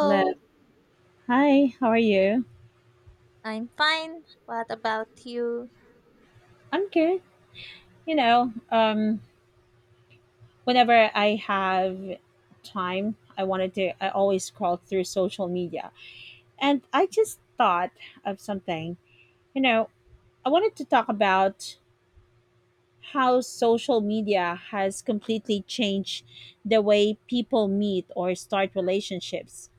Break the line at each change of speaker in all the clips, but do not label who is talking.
Hello. Hi, how are you?
I'm fine. What about you?
I'm good. You know, um, whenever I have time, I always scroll through social media. And I just thought of something. You know, I wanted to talk about how social media has completely changed the way people meet or start relationships.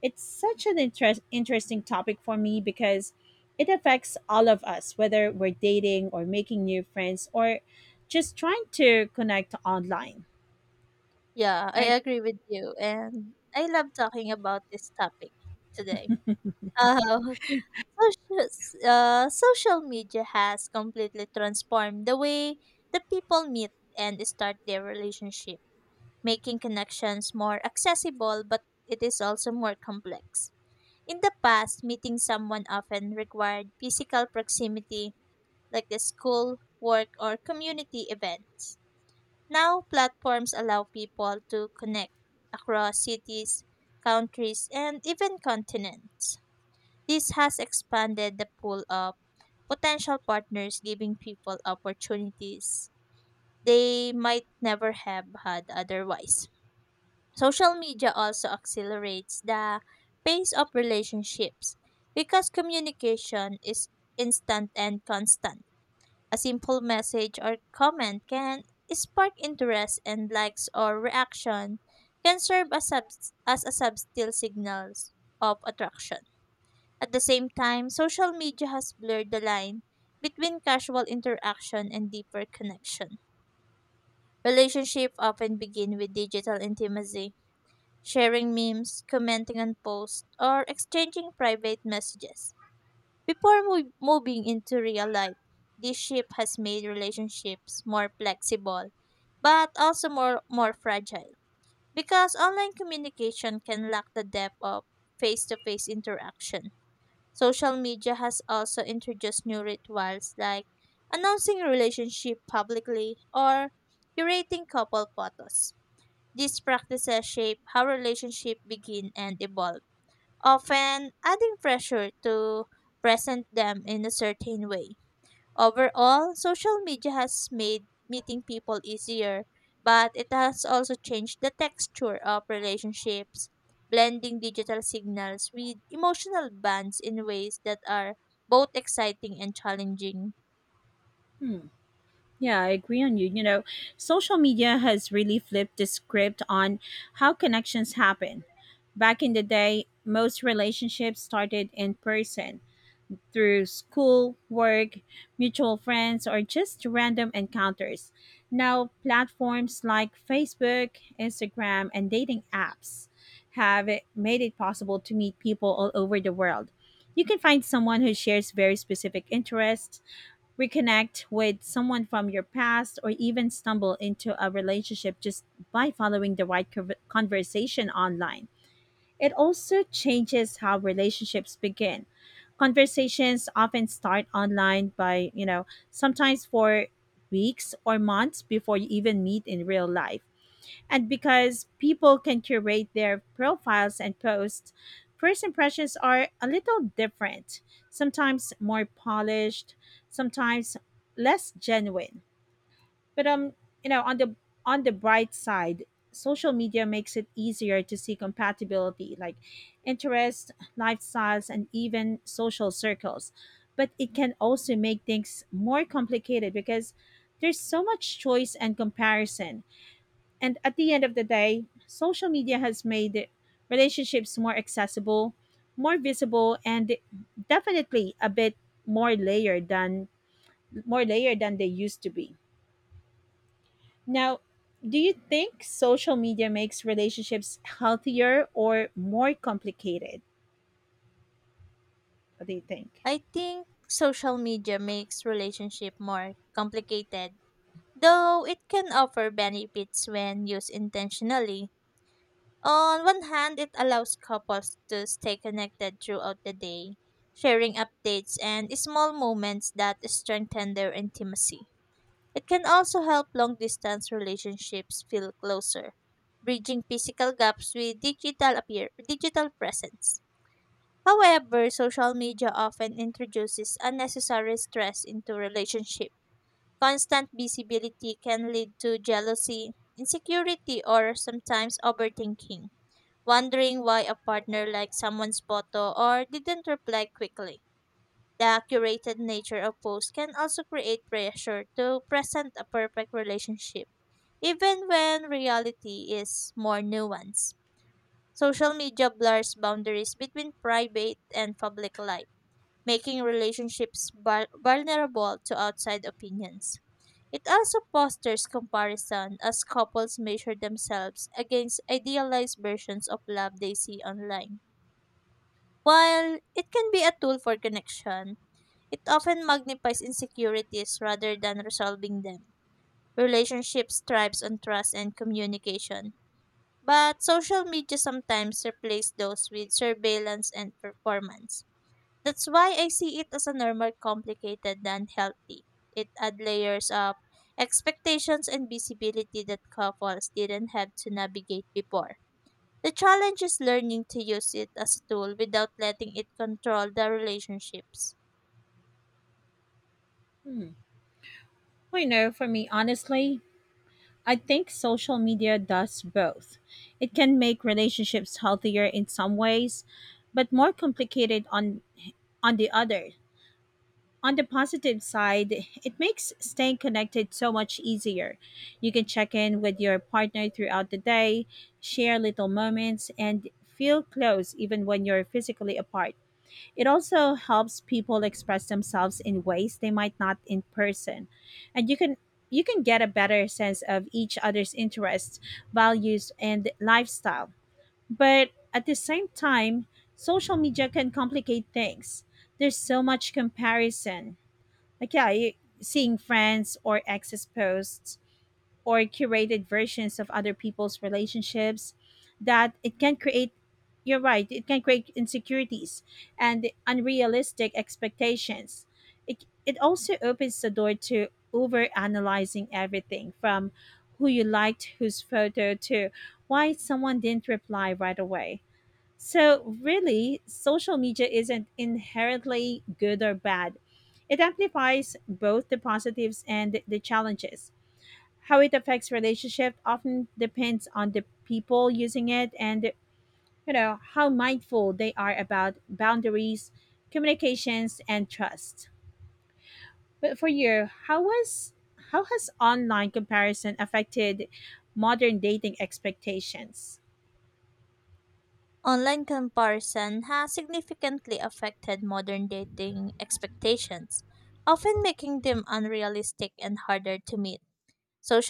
It's such an interesting topic for me because it affects all of us, whether we're dating or making new friends or just trying to connect online,
Yeah, I
right?
agree with you, and I love talking about this topic today. Uh, social, social media has completely transformed the way the people meet and start their relationship, making connections more accessible, but it is also more complex. In the past, meeting someone often required physical proximity, like the school, work, or community events. Now, platforms allow people to connect across cities, countries, and even continents. This has expanded the pool of potential partners, giving people opportunities they might never have had otherwise. Social media also accelerates the pace of relationships because communication is instant and constant. A simple message or comment can spark interest, and likes or reaction can serve as a subtle signals of attraction. At the same time, social media has blurred the line between casual interaction and deeper connection. Relationships often begin with digital intimacy, sharing memes, commenting on posts, or exchanging private messages. Before moving into real life, this shift has made relationships more flexible, but also more fragile because online communication can lack the depth of face to face interaction. Social media has also introduced new rituals like announcing a relationship publicly or curating couple photos. These practices shape how relationships begin and evolve, often adding pressure to present them in a certain way. Overall, social media has made meeting people easier, but it has also changed the texture of relationships, blending digital signals with emotional bonds in ways that are both exciting and challenging.
Hmm. Yeah, I agree on you. You know, social media has really flipped the script on how connections happen. Back in the day, most relationships started in person through school, work, mutual friends, or just random encounters. Now, platforms like Facebook, Instagram, and dating apps have made it possible to meet people all over the world. You can find someone who shares very specific interests, reconnect with someone from your past, or even stumble into a relationship just by following the right conversation online. It also changes how relationships begin. Conversations often start online by, you know, sometimes for weeks or months before you even meet in real life. And because people can curate their profiles and posts, first impressions are a little different, sometimes more polished, sometimes less genuine. But you know, on the on the bright side, social media makes it easier to see compatibility like interests, lifestyles, and even social circles. But it can also make things more complicated because there's so much choice and comparison. And at the end of the day, social media has made relationships more accessible, more visible, and definitely a bit more layered than more layered than they used to be. Now, do you think social media makes relationships healthier or more complicated? What do you think?
I think social media makes relationship more complicated, though it can offer benefits when used intentionally. On one hand, it allows couples to stay connected throughout the day, sharing updates and small moments that strengthen their intimacy. It can also help long distance relationships feel closer, bridging physical gaps with digital presence. However, social media often introduces unnecessary stress into relationships. Constant visibility can lead to jealousy, insecurity, or sometimes overthinking, wondering why a partner liked someone's photo or didn't reply quickly. The curated nature of posts can also create pressure to present a perfect relationship, even when reality is more nuanced. Social media blurs boundaries between private and public life, making relationships vulnerable to outside opinions. It also fosters comparison as couples measure themselves against idealized versions of love they see online. While it can be a tool for connection, it often magnifies insecurities rather than resolving them. Relationships thrives on trust and communication, but social media sometimes replaces those with surveillance and performance. That's why I see it as a normal complicated than healthy. It adds layers of expectations and visibility that couples didn't have to navigate before. The challenge is learning to use it as a tool without letting it control the relationships.
Hmm. Well, you know, for me, honestly, I think social media does both. It can make relationships healthier in some ways, but more complicated on the other. On the positive side, it makes staying connected so much easier. You can check in with your partner throughout the day, share little moments, and feel close even when you're physically apart. It also helps people express themselves in ways they might not in person. And you can get a better sense of each other's interests, values, and lifestyle. But at the same time, social media can complicate things. There's so much comparison like yeah you, seeing friends or exes posts or curated versions of other people's relationships that it can create you're right it can create insecurities and unrealistic expectations. It also opens the door to over analyzing everything from who you liked whose photo to why someone didn't reply right away. So, really, social media isn't inherently good or bad. It amplifies both the positives and the challenges. How it affects relationship often depends on the people using it and, you know, how mindful they are about boundaries, communications and trust. But for you, how has online comparison affected modern dating expectations?
Online comparison has significantly affected modern dating expectations, often making them unrealistic and harder to meet.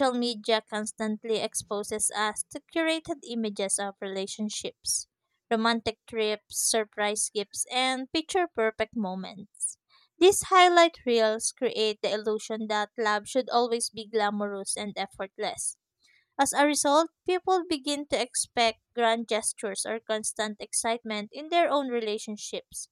Mm,
media constantly exposes us to curated images of relationships, romantic trips, surprise gifts, and picture perfect moments. These highlight reels create the illusion that love should always be glamorous and effortless. As a result, people begin to expect grand gestures or constant excitement in their own relationships.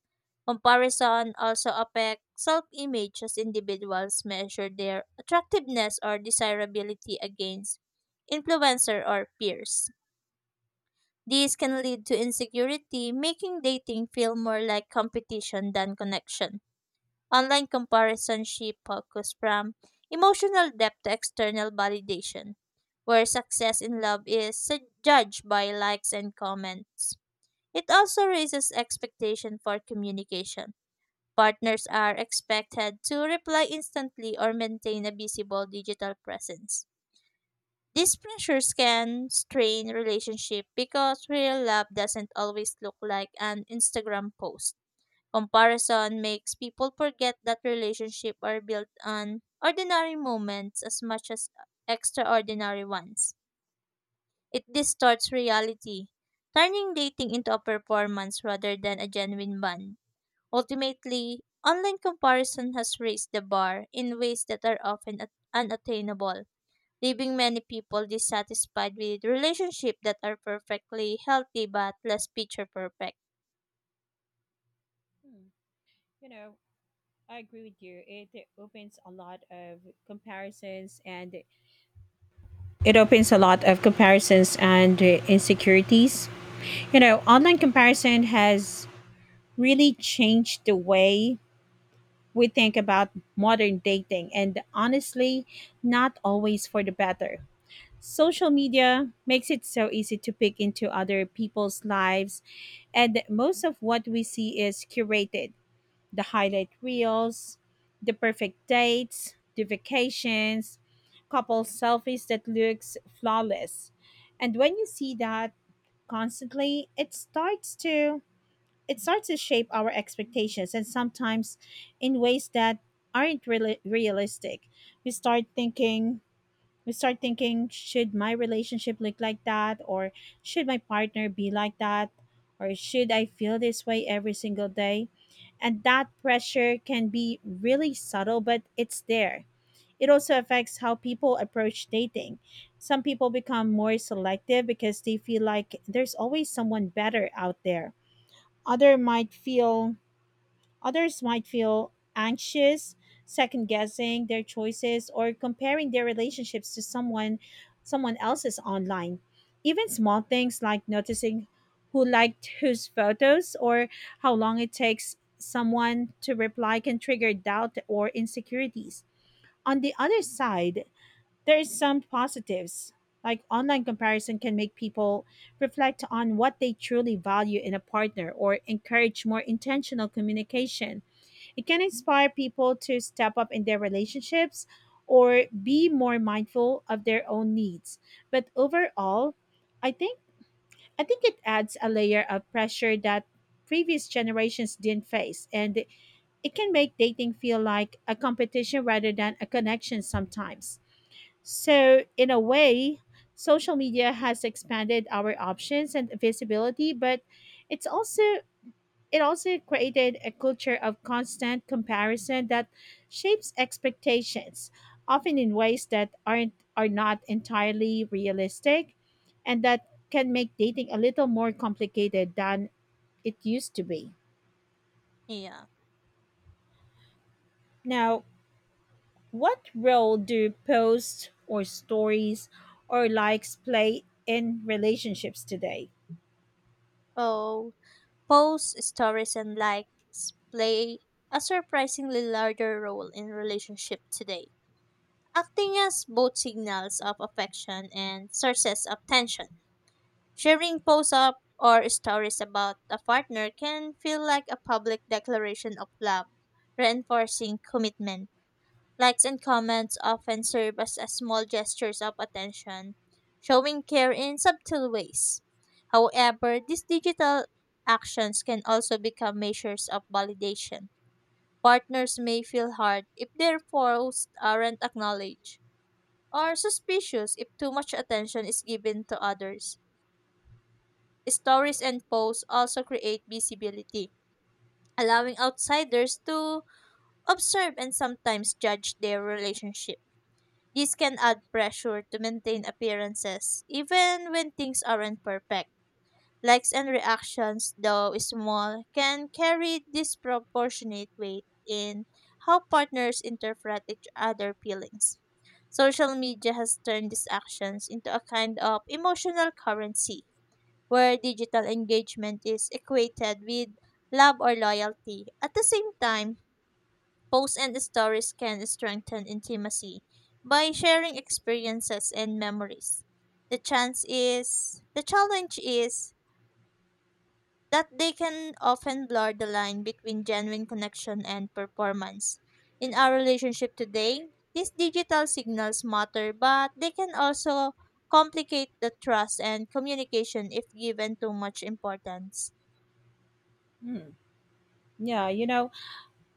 Comparison also affects self image as individuals measure their attractiveness or desirability against influencer or peers. These can lead to insecurity, making dating feel more like competition than connection. Online comparison shift focus from emotional depth to external validation, where success in love is judged by likes and comments. It also raises expectation for communication. Partners are expected to reply instantly or maintain a visible digital presence. These pressures can strain relationship because real love doesn't always look like an Instagram post. Comparison makes people forget that relationships are built on ordinary moments as much as extraordinary ones. It distorts reality, turning dating into a performance rather than a genuine bond. Ultimately, online comparison has raised the bar in ways that are often unattainable, leaving many people dissatisfied with relationships that are perfectly healthy but less picture perfect.
mm. You know, I agree with you. It opens a lot of comparisons and it opens a lot of comparisons and insecurities. You know, online comparison has really changed the way we think about modern dating and honestly, not always for the better. Social media makes it so easy to peek into other people's lives, and most of what we see is curated: the highlight reels, the perfect dates, the vacations, couple selfies that looks flawless. And when you see that constantly, it starts to shape our expectations and sometimes in ways that aren't really realistic. We start thinking we start thinking should my relationship look like that, or should my partner be like that, or should I feel this way every single day? And that pressure can be really subtle but it's there. It also affects how people approach dating. Some people become more selective because they feel like there's always someone better out there. other might feel Others might feel anxious, second guessing their choices or comparing their relationships to someone else's online. Even small things like noticing who liked whose photos or how long it takes someone to reply can trigger doubt or insecurities. On the other side, there is some positives. Like online comparison can make people reflect on what they truly value in a partner or encourage more intentional communication. It can inspire people to step up in their relationships or be more mindful of their own needs. But overall, I think I think it adds a layer of pressure that previous generations didn't face, and it can make dating feel like a competition rather than a connection sometimes. So, in a way, social media has expanded our options and visibility, but it's also it also created a culture of constant comparison that shapes expectations, often in ways that are not entirely realistic, and that can make dating a little more complicated than it used to be.
Yeah.
Now, what role do posts or stories or likes play in relationships today?
Oh, Posts, stories, and likes play a surprisingly larger role in relationship today, acting as both signals of affection and sources of tension. Sharing posts up or stories about a partner can feel like a public declaration of love, reinforcing commitment. Likes and comments often serve as small gestures of attention, showing care in subtle ways. However, these digital actions can also become measures of validation. Partners may feel hurt if their posts aren't acknowledged, or suspicious if too much attention is given to others. Stories and posts also create visibility, allowing outsiders to observe and sometimes judge their relationship. This can add pressure to maintain appearances, even when things aren't perfect. Likes and reactions, though small, can carry disproportionate weight in how partners interpret each other's feelings. Social media has turned these actions into a kind of emotional currency, where digital engagement is equated with love or loyalty. At the same time, posts and stories can strengthen intimacy by sharing experiences and memories. The challenge is that they can often blur the line between genuine connection and performance. In our relationship today, these digital signals matter, but they can also complicate the trust and communication if given too much importance.
Hmm. Yeah, you know,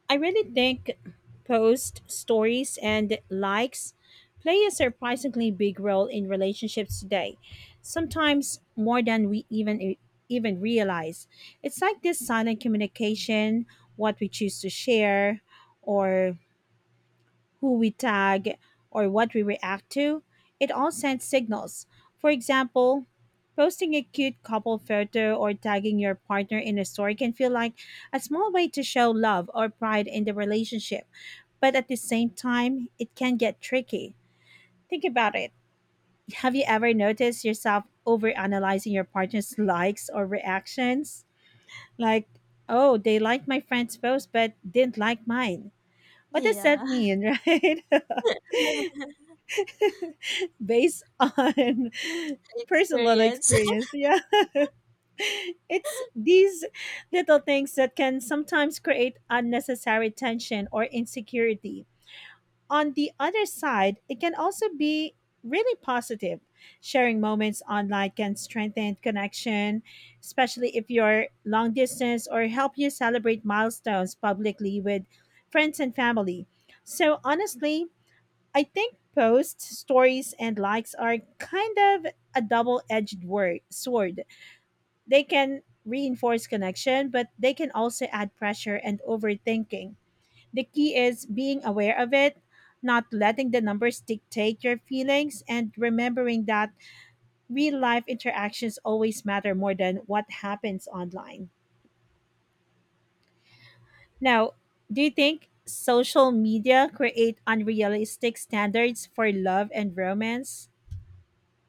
I really think posts, stories, and likes play a surprisingly big role in relationships today, sometimes more than we even realize. It's like this silent communication, what we choose to share, or who we tag, or what we react to, it all sends signals. For example, posting a cute couple photo or tagging your partner in a story can feel like a small way to show love or pride in the relationship. But at the same time, it can get tricky. Think about it. Have you ever noticed yourself overanalyzing your partner's likes or reactions? Like, oh, they liked my friend's post but didn't like mine. What does
Yeah,
that mean, right? Based on personal
experience.
experience. Yeah. It's these little things that can sometimes create unnecessary tension or insecurity. On the other side, it can also be really positive. Sharing moments online can strengthen connection, especially if you're long distance, or help you celebrate milestones publicly with friends and family. So, honestly, I think posts, stories, and likes are kind of a double edged word sword. They can reinforce connection, but they can also add pressure and overthinking. The key is being aware of it, not letting the numbers dictate your feelings, and remembering that real life interactions always matter more than what happens online. Now, do you think social media create unrealistic standards for love and romance?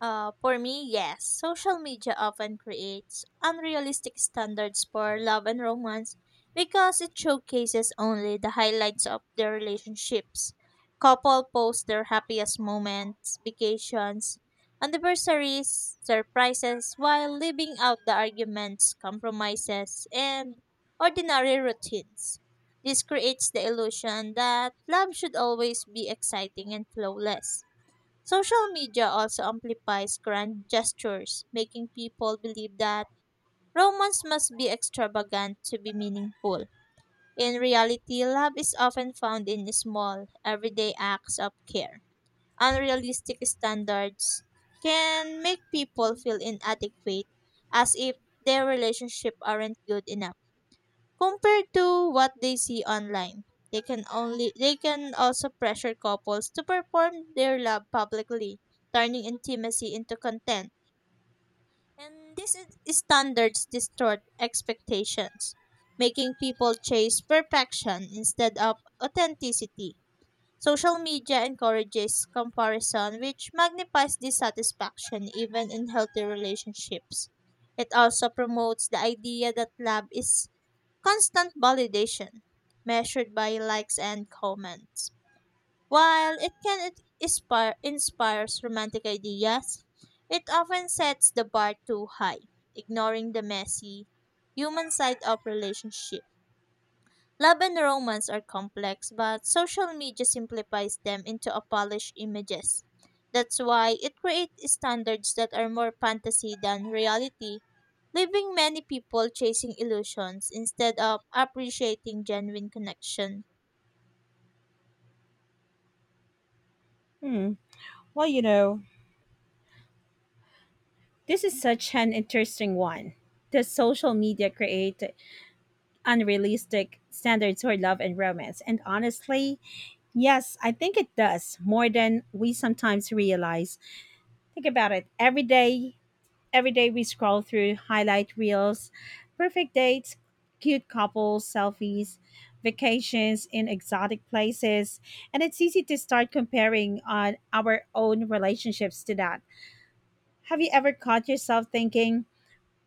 For me, yes. Social media often creates unrealistic standards for love and romance because it showcases only the highlights of their relationships. Couple post their happiest moments, vacations, anniversaries, surprises, while leaving out the arguments, compromises, and ordinary routines. This creates the illusion that love should always be exciting and flawless. Social media also amplifies grand gestures, making people believe that romance must be extravagant to be meaningful. In reality, love is often found in small, everyday acts of care. Unrealistic standards can make people feel inadequate, as if their relationship aren't good enough compared to what they see online. They can also pressure couples to perform their love publicly, turning intimacy into content. And these standards distort expectations, making people chase perfection instead of authenticity. Social media encourages comparison, which magnifies dissatisfaction even in healthy relationships. It also promotes the idea that love is constant validation measured by likes and comments. While it can inspires romantic ideas, it often sets the bar too high, ignoring the messy human side of relationship. Love and romance are complex, but social media simplifies them into a polished images. That's why it creates standards that are more fantasy than reality, leaving many people chasing illusions instead of appreciating genuine connection.
Hmm. Well, you know, this is such an interesting one. Does social media create unrealistic standards for love and romance? And honestly, yes, I think it does more than we sometimes realize. Think about it. Every day we scroll through highlight reels, perfect dates, cute couples, selfies, vacations in exotic places, and it's easy to start comparing on our own relationships to that. Have you ever caught yourself thinking,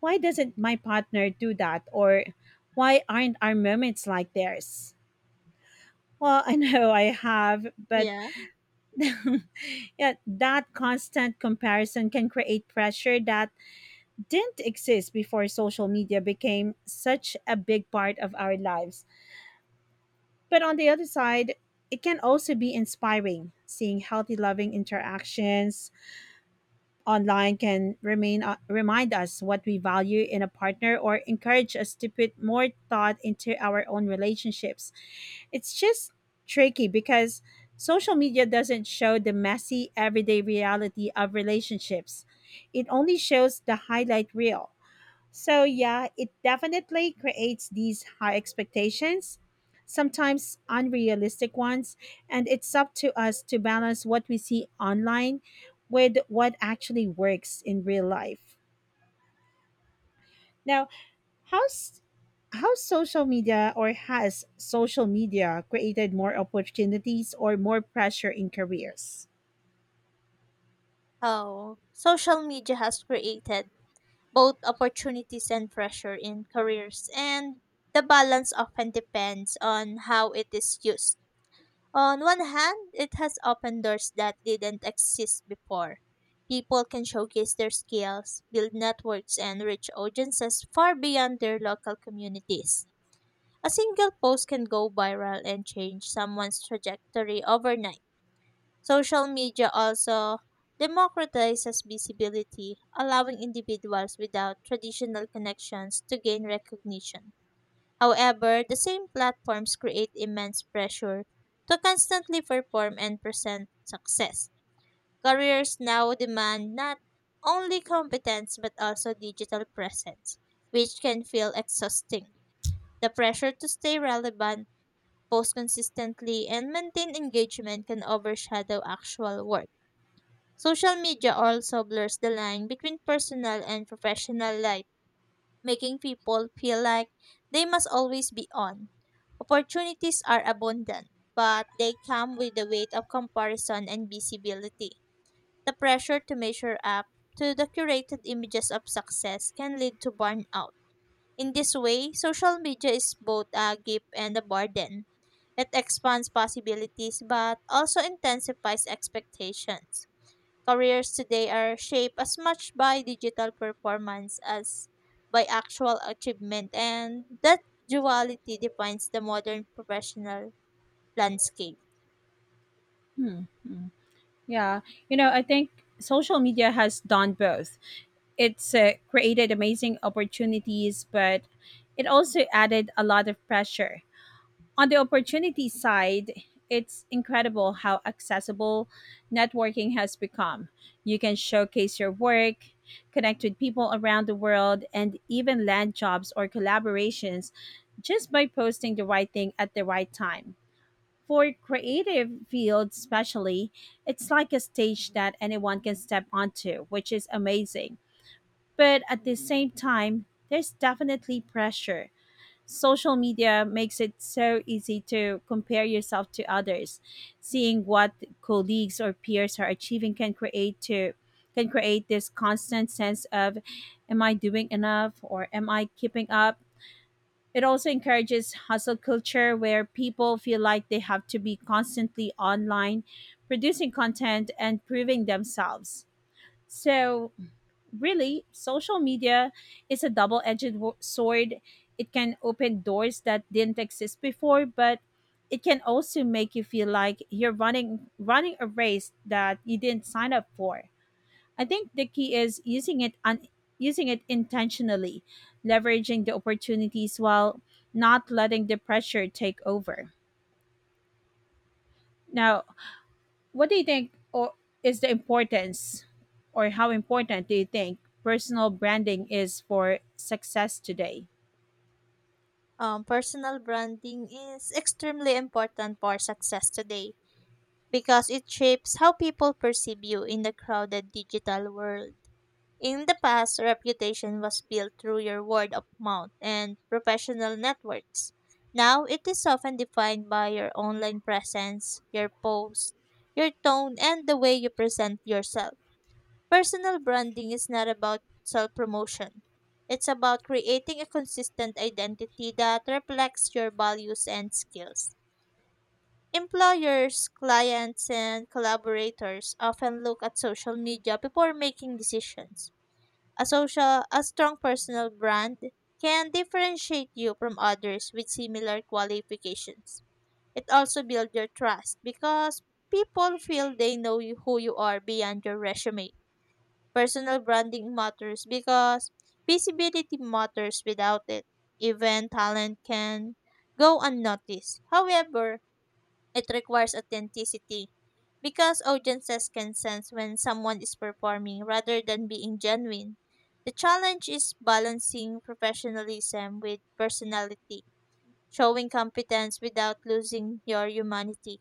why doesn't my partner do that? Or why aren't our moments like theirs? Well, I know I have, but
Yeah.
yeah, that constant comparison can create pressure that didn't exist before social media became such a big part of our lives. But on the other side, it can also be inspiring. Seeing healthy, loving interactions online can remain remind us what we value in a partner or encourage us to put more thought into our own relationships. It's just tricky because social media doesn't show the messy everyday reality of relationships. It only shows the highlight reel. So, yeah, it definitely creates these high expectations, sometimes unrealistic ones, and it's up to us to balance what we see online with what actually works in real life. Now, how's how social media created more opportunities or more pressure in careers?
Oh, Social media has created both opportunities and pressure in careers, and the balance often depends on how it is used. On one hand, it has opened doors that didn't exist before. People can showcase their skills, build networks, and reach audiences far beyond their local communities. A single post can go viral and change someone's trajectory overnight. Social media also democratizes visibility, allowing individuals without traditional connections to gain recognition. However, the same platforms create immense pressure to constantly perform and present success. Careers now demand not only competence but also digital presence, which can feel exhausting. The pressure to stay relevant, post consistently, and maintain engagement can overshadow actual work. Social media also blurs the line between personal and professional life, making people feel like they must always be on. Opportunities are abundant, but they come with the weight of comparison and visibility. The pressure to measure up to the curated images of success can lead to burnout. In this way, social media is both a gift and a burden. It expands possibilities but also intensifies expectations. Careers today are shaped as much by digital performance as by actual achievement, and that duality defines the modern professional landscape.
Hmm, hmm. Yeah. You know, I think social media has done both. It's created amazing opportunities, but it also added a lot of pressure. On the opportunity side, it's incredible how accessible networking has become. You can showcase your work, connect with people around the world, and even land jobs or collaborations just by posting the right thing at the right time. For creative fields, especially, it's like a stage that anyone can step onto, which is amazing. But at the same time, there's definitely pressure. Social media makes it so easy to compare yourself to others. Seeing what colleagues or peers are achieving can create to can create this constant sense of am I doing enough or am I keeping up. It also encourages hustle culture where people feel like they have to be constantly online producing content and proving themselves. So really, social media is a double edged sword. It can open doors that didn't exist before, but it can also make you feel like you're running a race that you didn't sign up for. I think the key is using it intentionally, leveraging the opportunities while not letting the pressure take over. Now, What do you think o- is the importance, or how important do you think personal branding is for success today?
Personal branding is extremely important for success today because it shapes how people perceive you in the crowded digital world. In the past, reputation was built through your word of mouth and professional networks. Now, it is often defined by your online presence, your post, your tone, and the way you present yourself. Personal branding is not about self promotion. It's about creating a consistent identity that reflects your values and skills. Employers, clients, and collaborators often look at social media before making decisions. A strong personal brand can differentiate you from others with similar qualifications. It also builds your trust because people feel they know you, who you are beyond your resume. Personal branding matters because visibility matters. Without it, even talent can go unnoticed. However, it requires authenticity because audiences can sense when someone is performing rather than being genuine. The challenge is balancing professionalism with personality, showing competence without losing your humanity.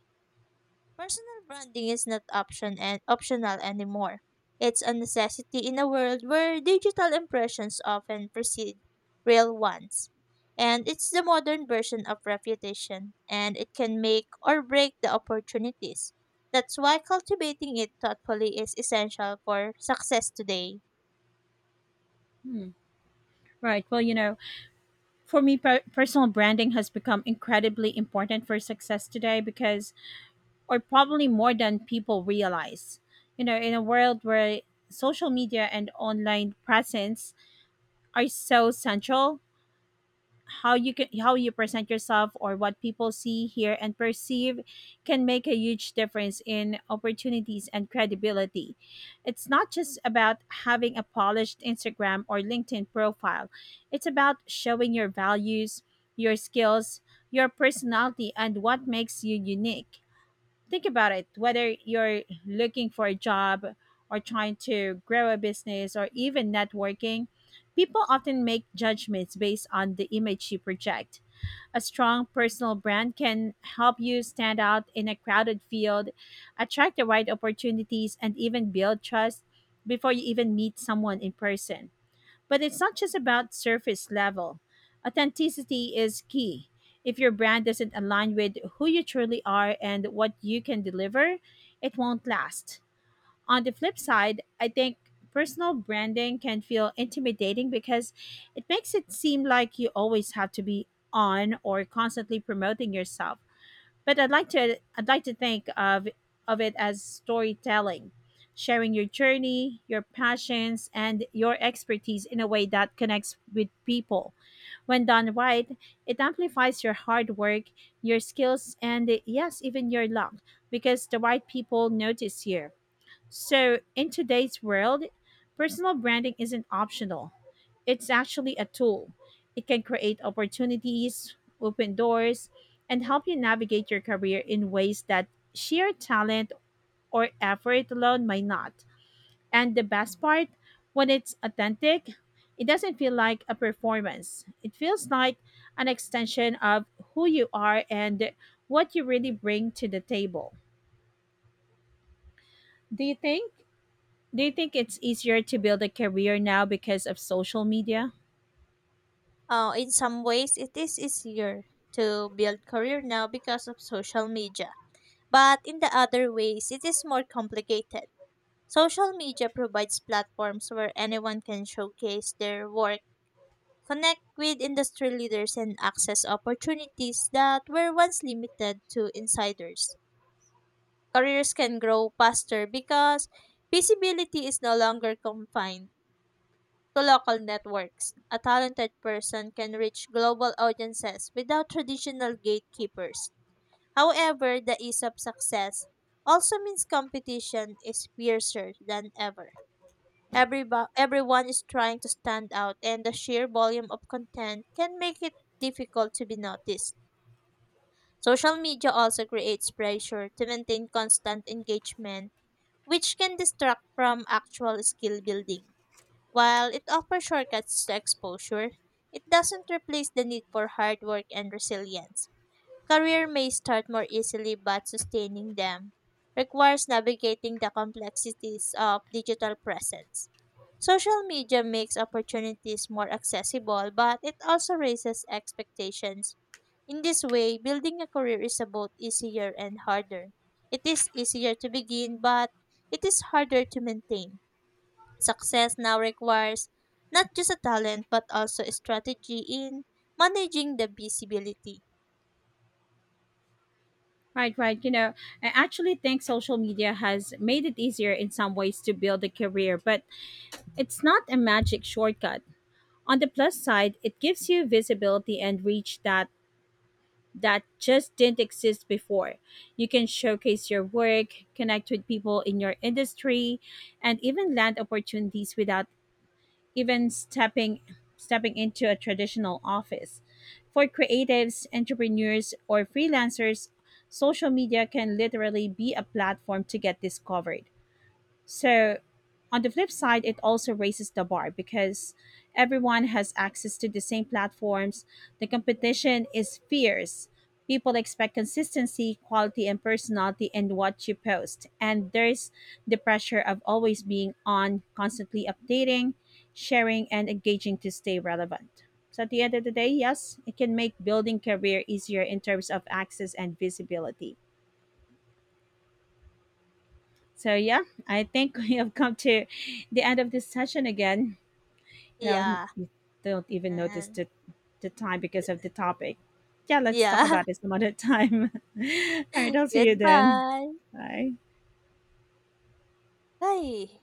Personal branding is not optional anymore. It's a necessity in a world where digital impressions often precede real ones. And it's the modern version of reputation, and it can make or break the opportunities. That's why cultivating it thoughtfully is essential for success today.
Hmm. Right. Well, for me, personal branding has become incredibly important for success today, or probably more than people realize. You know, in a world where social media and online presence are so central, how you present yourself, or what people see, hear and perceive, can make a huge difference in opportunities and credibility. It's not just about having a polished Instagram or LinkedIn profile. It's about showing your values, your skills, your personality and what makes you unique. Think about it: whether you're looking for a job, or trying to grow a business, or even networking, people often make judgments based on the image you project. A strong personal brand can help you stand out in a crowded field, attract the right opportunities, and even build trust before you even meet someone in person. But it's not just about surface level. Authenticity is key. If your brand doesn't align with who you truly are and what you can deliver, it won't last. On the flip side, I think personal branding can feel intimidating because it makes it seem like you always have to be on, or constantly promoting yourself. But I'd like to think of it as storytelling, sharing your journey, your passions, and your expertise in a way that connects with people. When done right, it amplifies your hard work, your skills, and yes, even your luck, because the right people notice you. So, in today's world, personal branding isn't optional. It's actually a tool. It can create opportunities, open doors, and help you navigate your career in ways that sheer talent or effort alone might not. And the best part, when it's authentic, it doesn't feel like a performance. It feels like an extension of who you are and what you really bring to the table. Do you think Do you think it's easier to build a career now because of social media?
In some ways, it is easier to build career now because of social media, but in the other ways, it is more complicated. Social media provides platforms where anyone can showcase their work, connect with industry leaders, and access opportunities that were once limited to insiders. Careers can grow faster because visibility is no longer confined to local networks. A talented person can reach global audiences without traditional gatekeepers. However, the ease of success also means competition is fiercer than ever. Everyone is trying to stand out, and the sheer volume of content can make it difficult to be noticed. Social media also creates pressure to maintain constant engagement, which can distract from actual skill building. While it offers shortcuts to exposure, it doesn't replace the need for hard work and resilience. Career may start more easily, but sustaining them requires navigating the complexities of digital presence. Social media makes opportunities more accessible, but it also raises expectations. In this way, building a career is both easier and harder. It is easier to begin, but it is harder to maintain. Success now requires not just a talent, but also a strategy in managing the visibility.
Right, right. You know, I actually think social media has made it easier in some ways to build a career, but it's not a magic shortcut. On the plus side, it gives you visibility and reach that just didn't exist before. You can showcase your work, connect with people in your industry, and even land opportunities without even stepping stepping into a traditional office. For creatives, entrepreneurs, or freelancers, social media can literally be a platform to get discovered. So, on the flip side, it also raises the bar because everyone has access to the same platforms. The competition is fierce. People expect consistency, quality, and personality in what you post. And there's the pressure of always being on, constantly updating, sharing, and engaging to stay relevant. So, at the end of the day, yes, it can make building career easier in terms of access and visibility. So yeah, I think we have come to the end of this session again. You know,
Yeah.
you don't even notice
And
the time because of the topic. Yeah, let's talk
yeah,
about this some other time. All right, I'll see you then.
goodbye.
Bye.
Bye.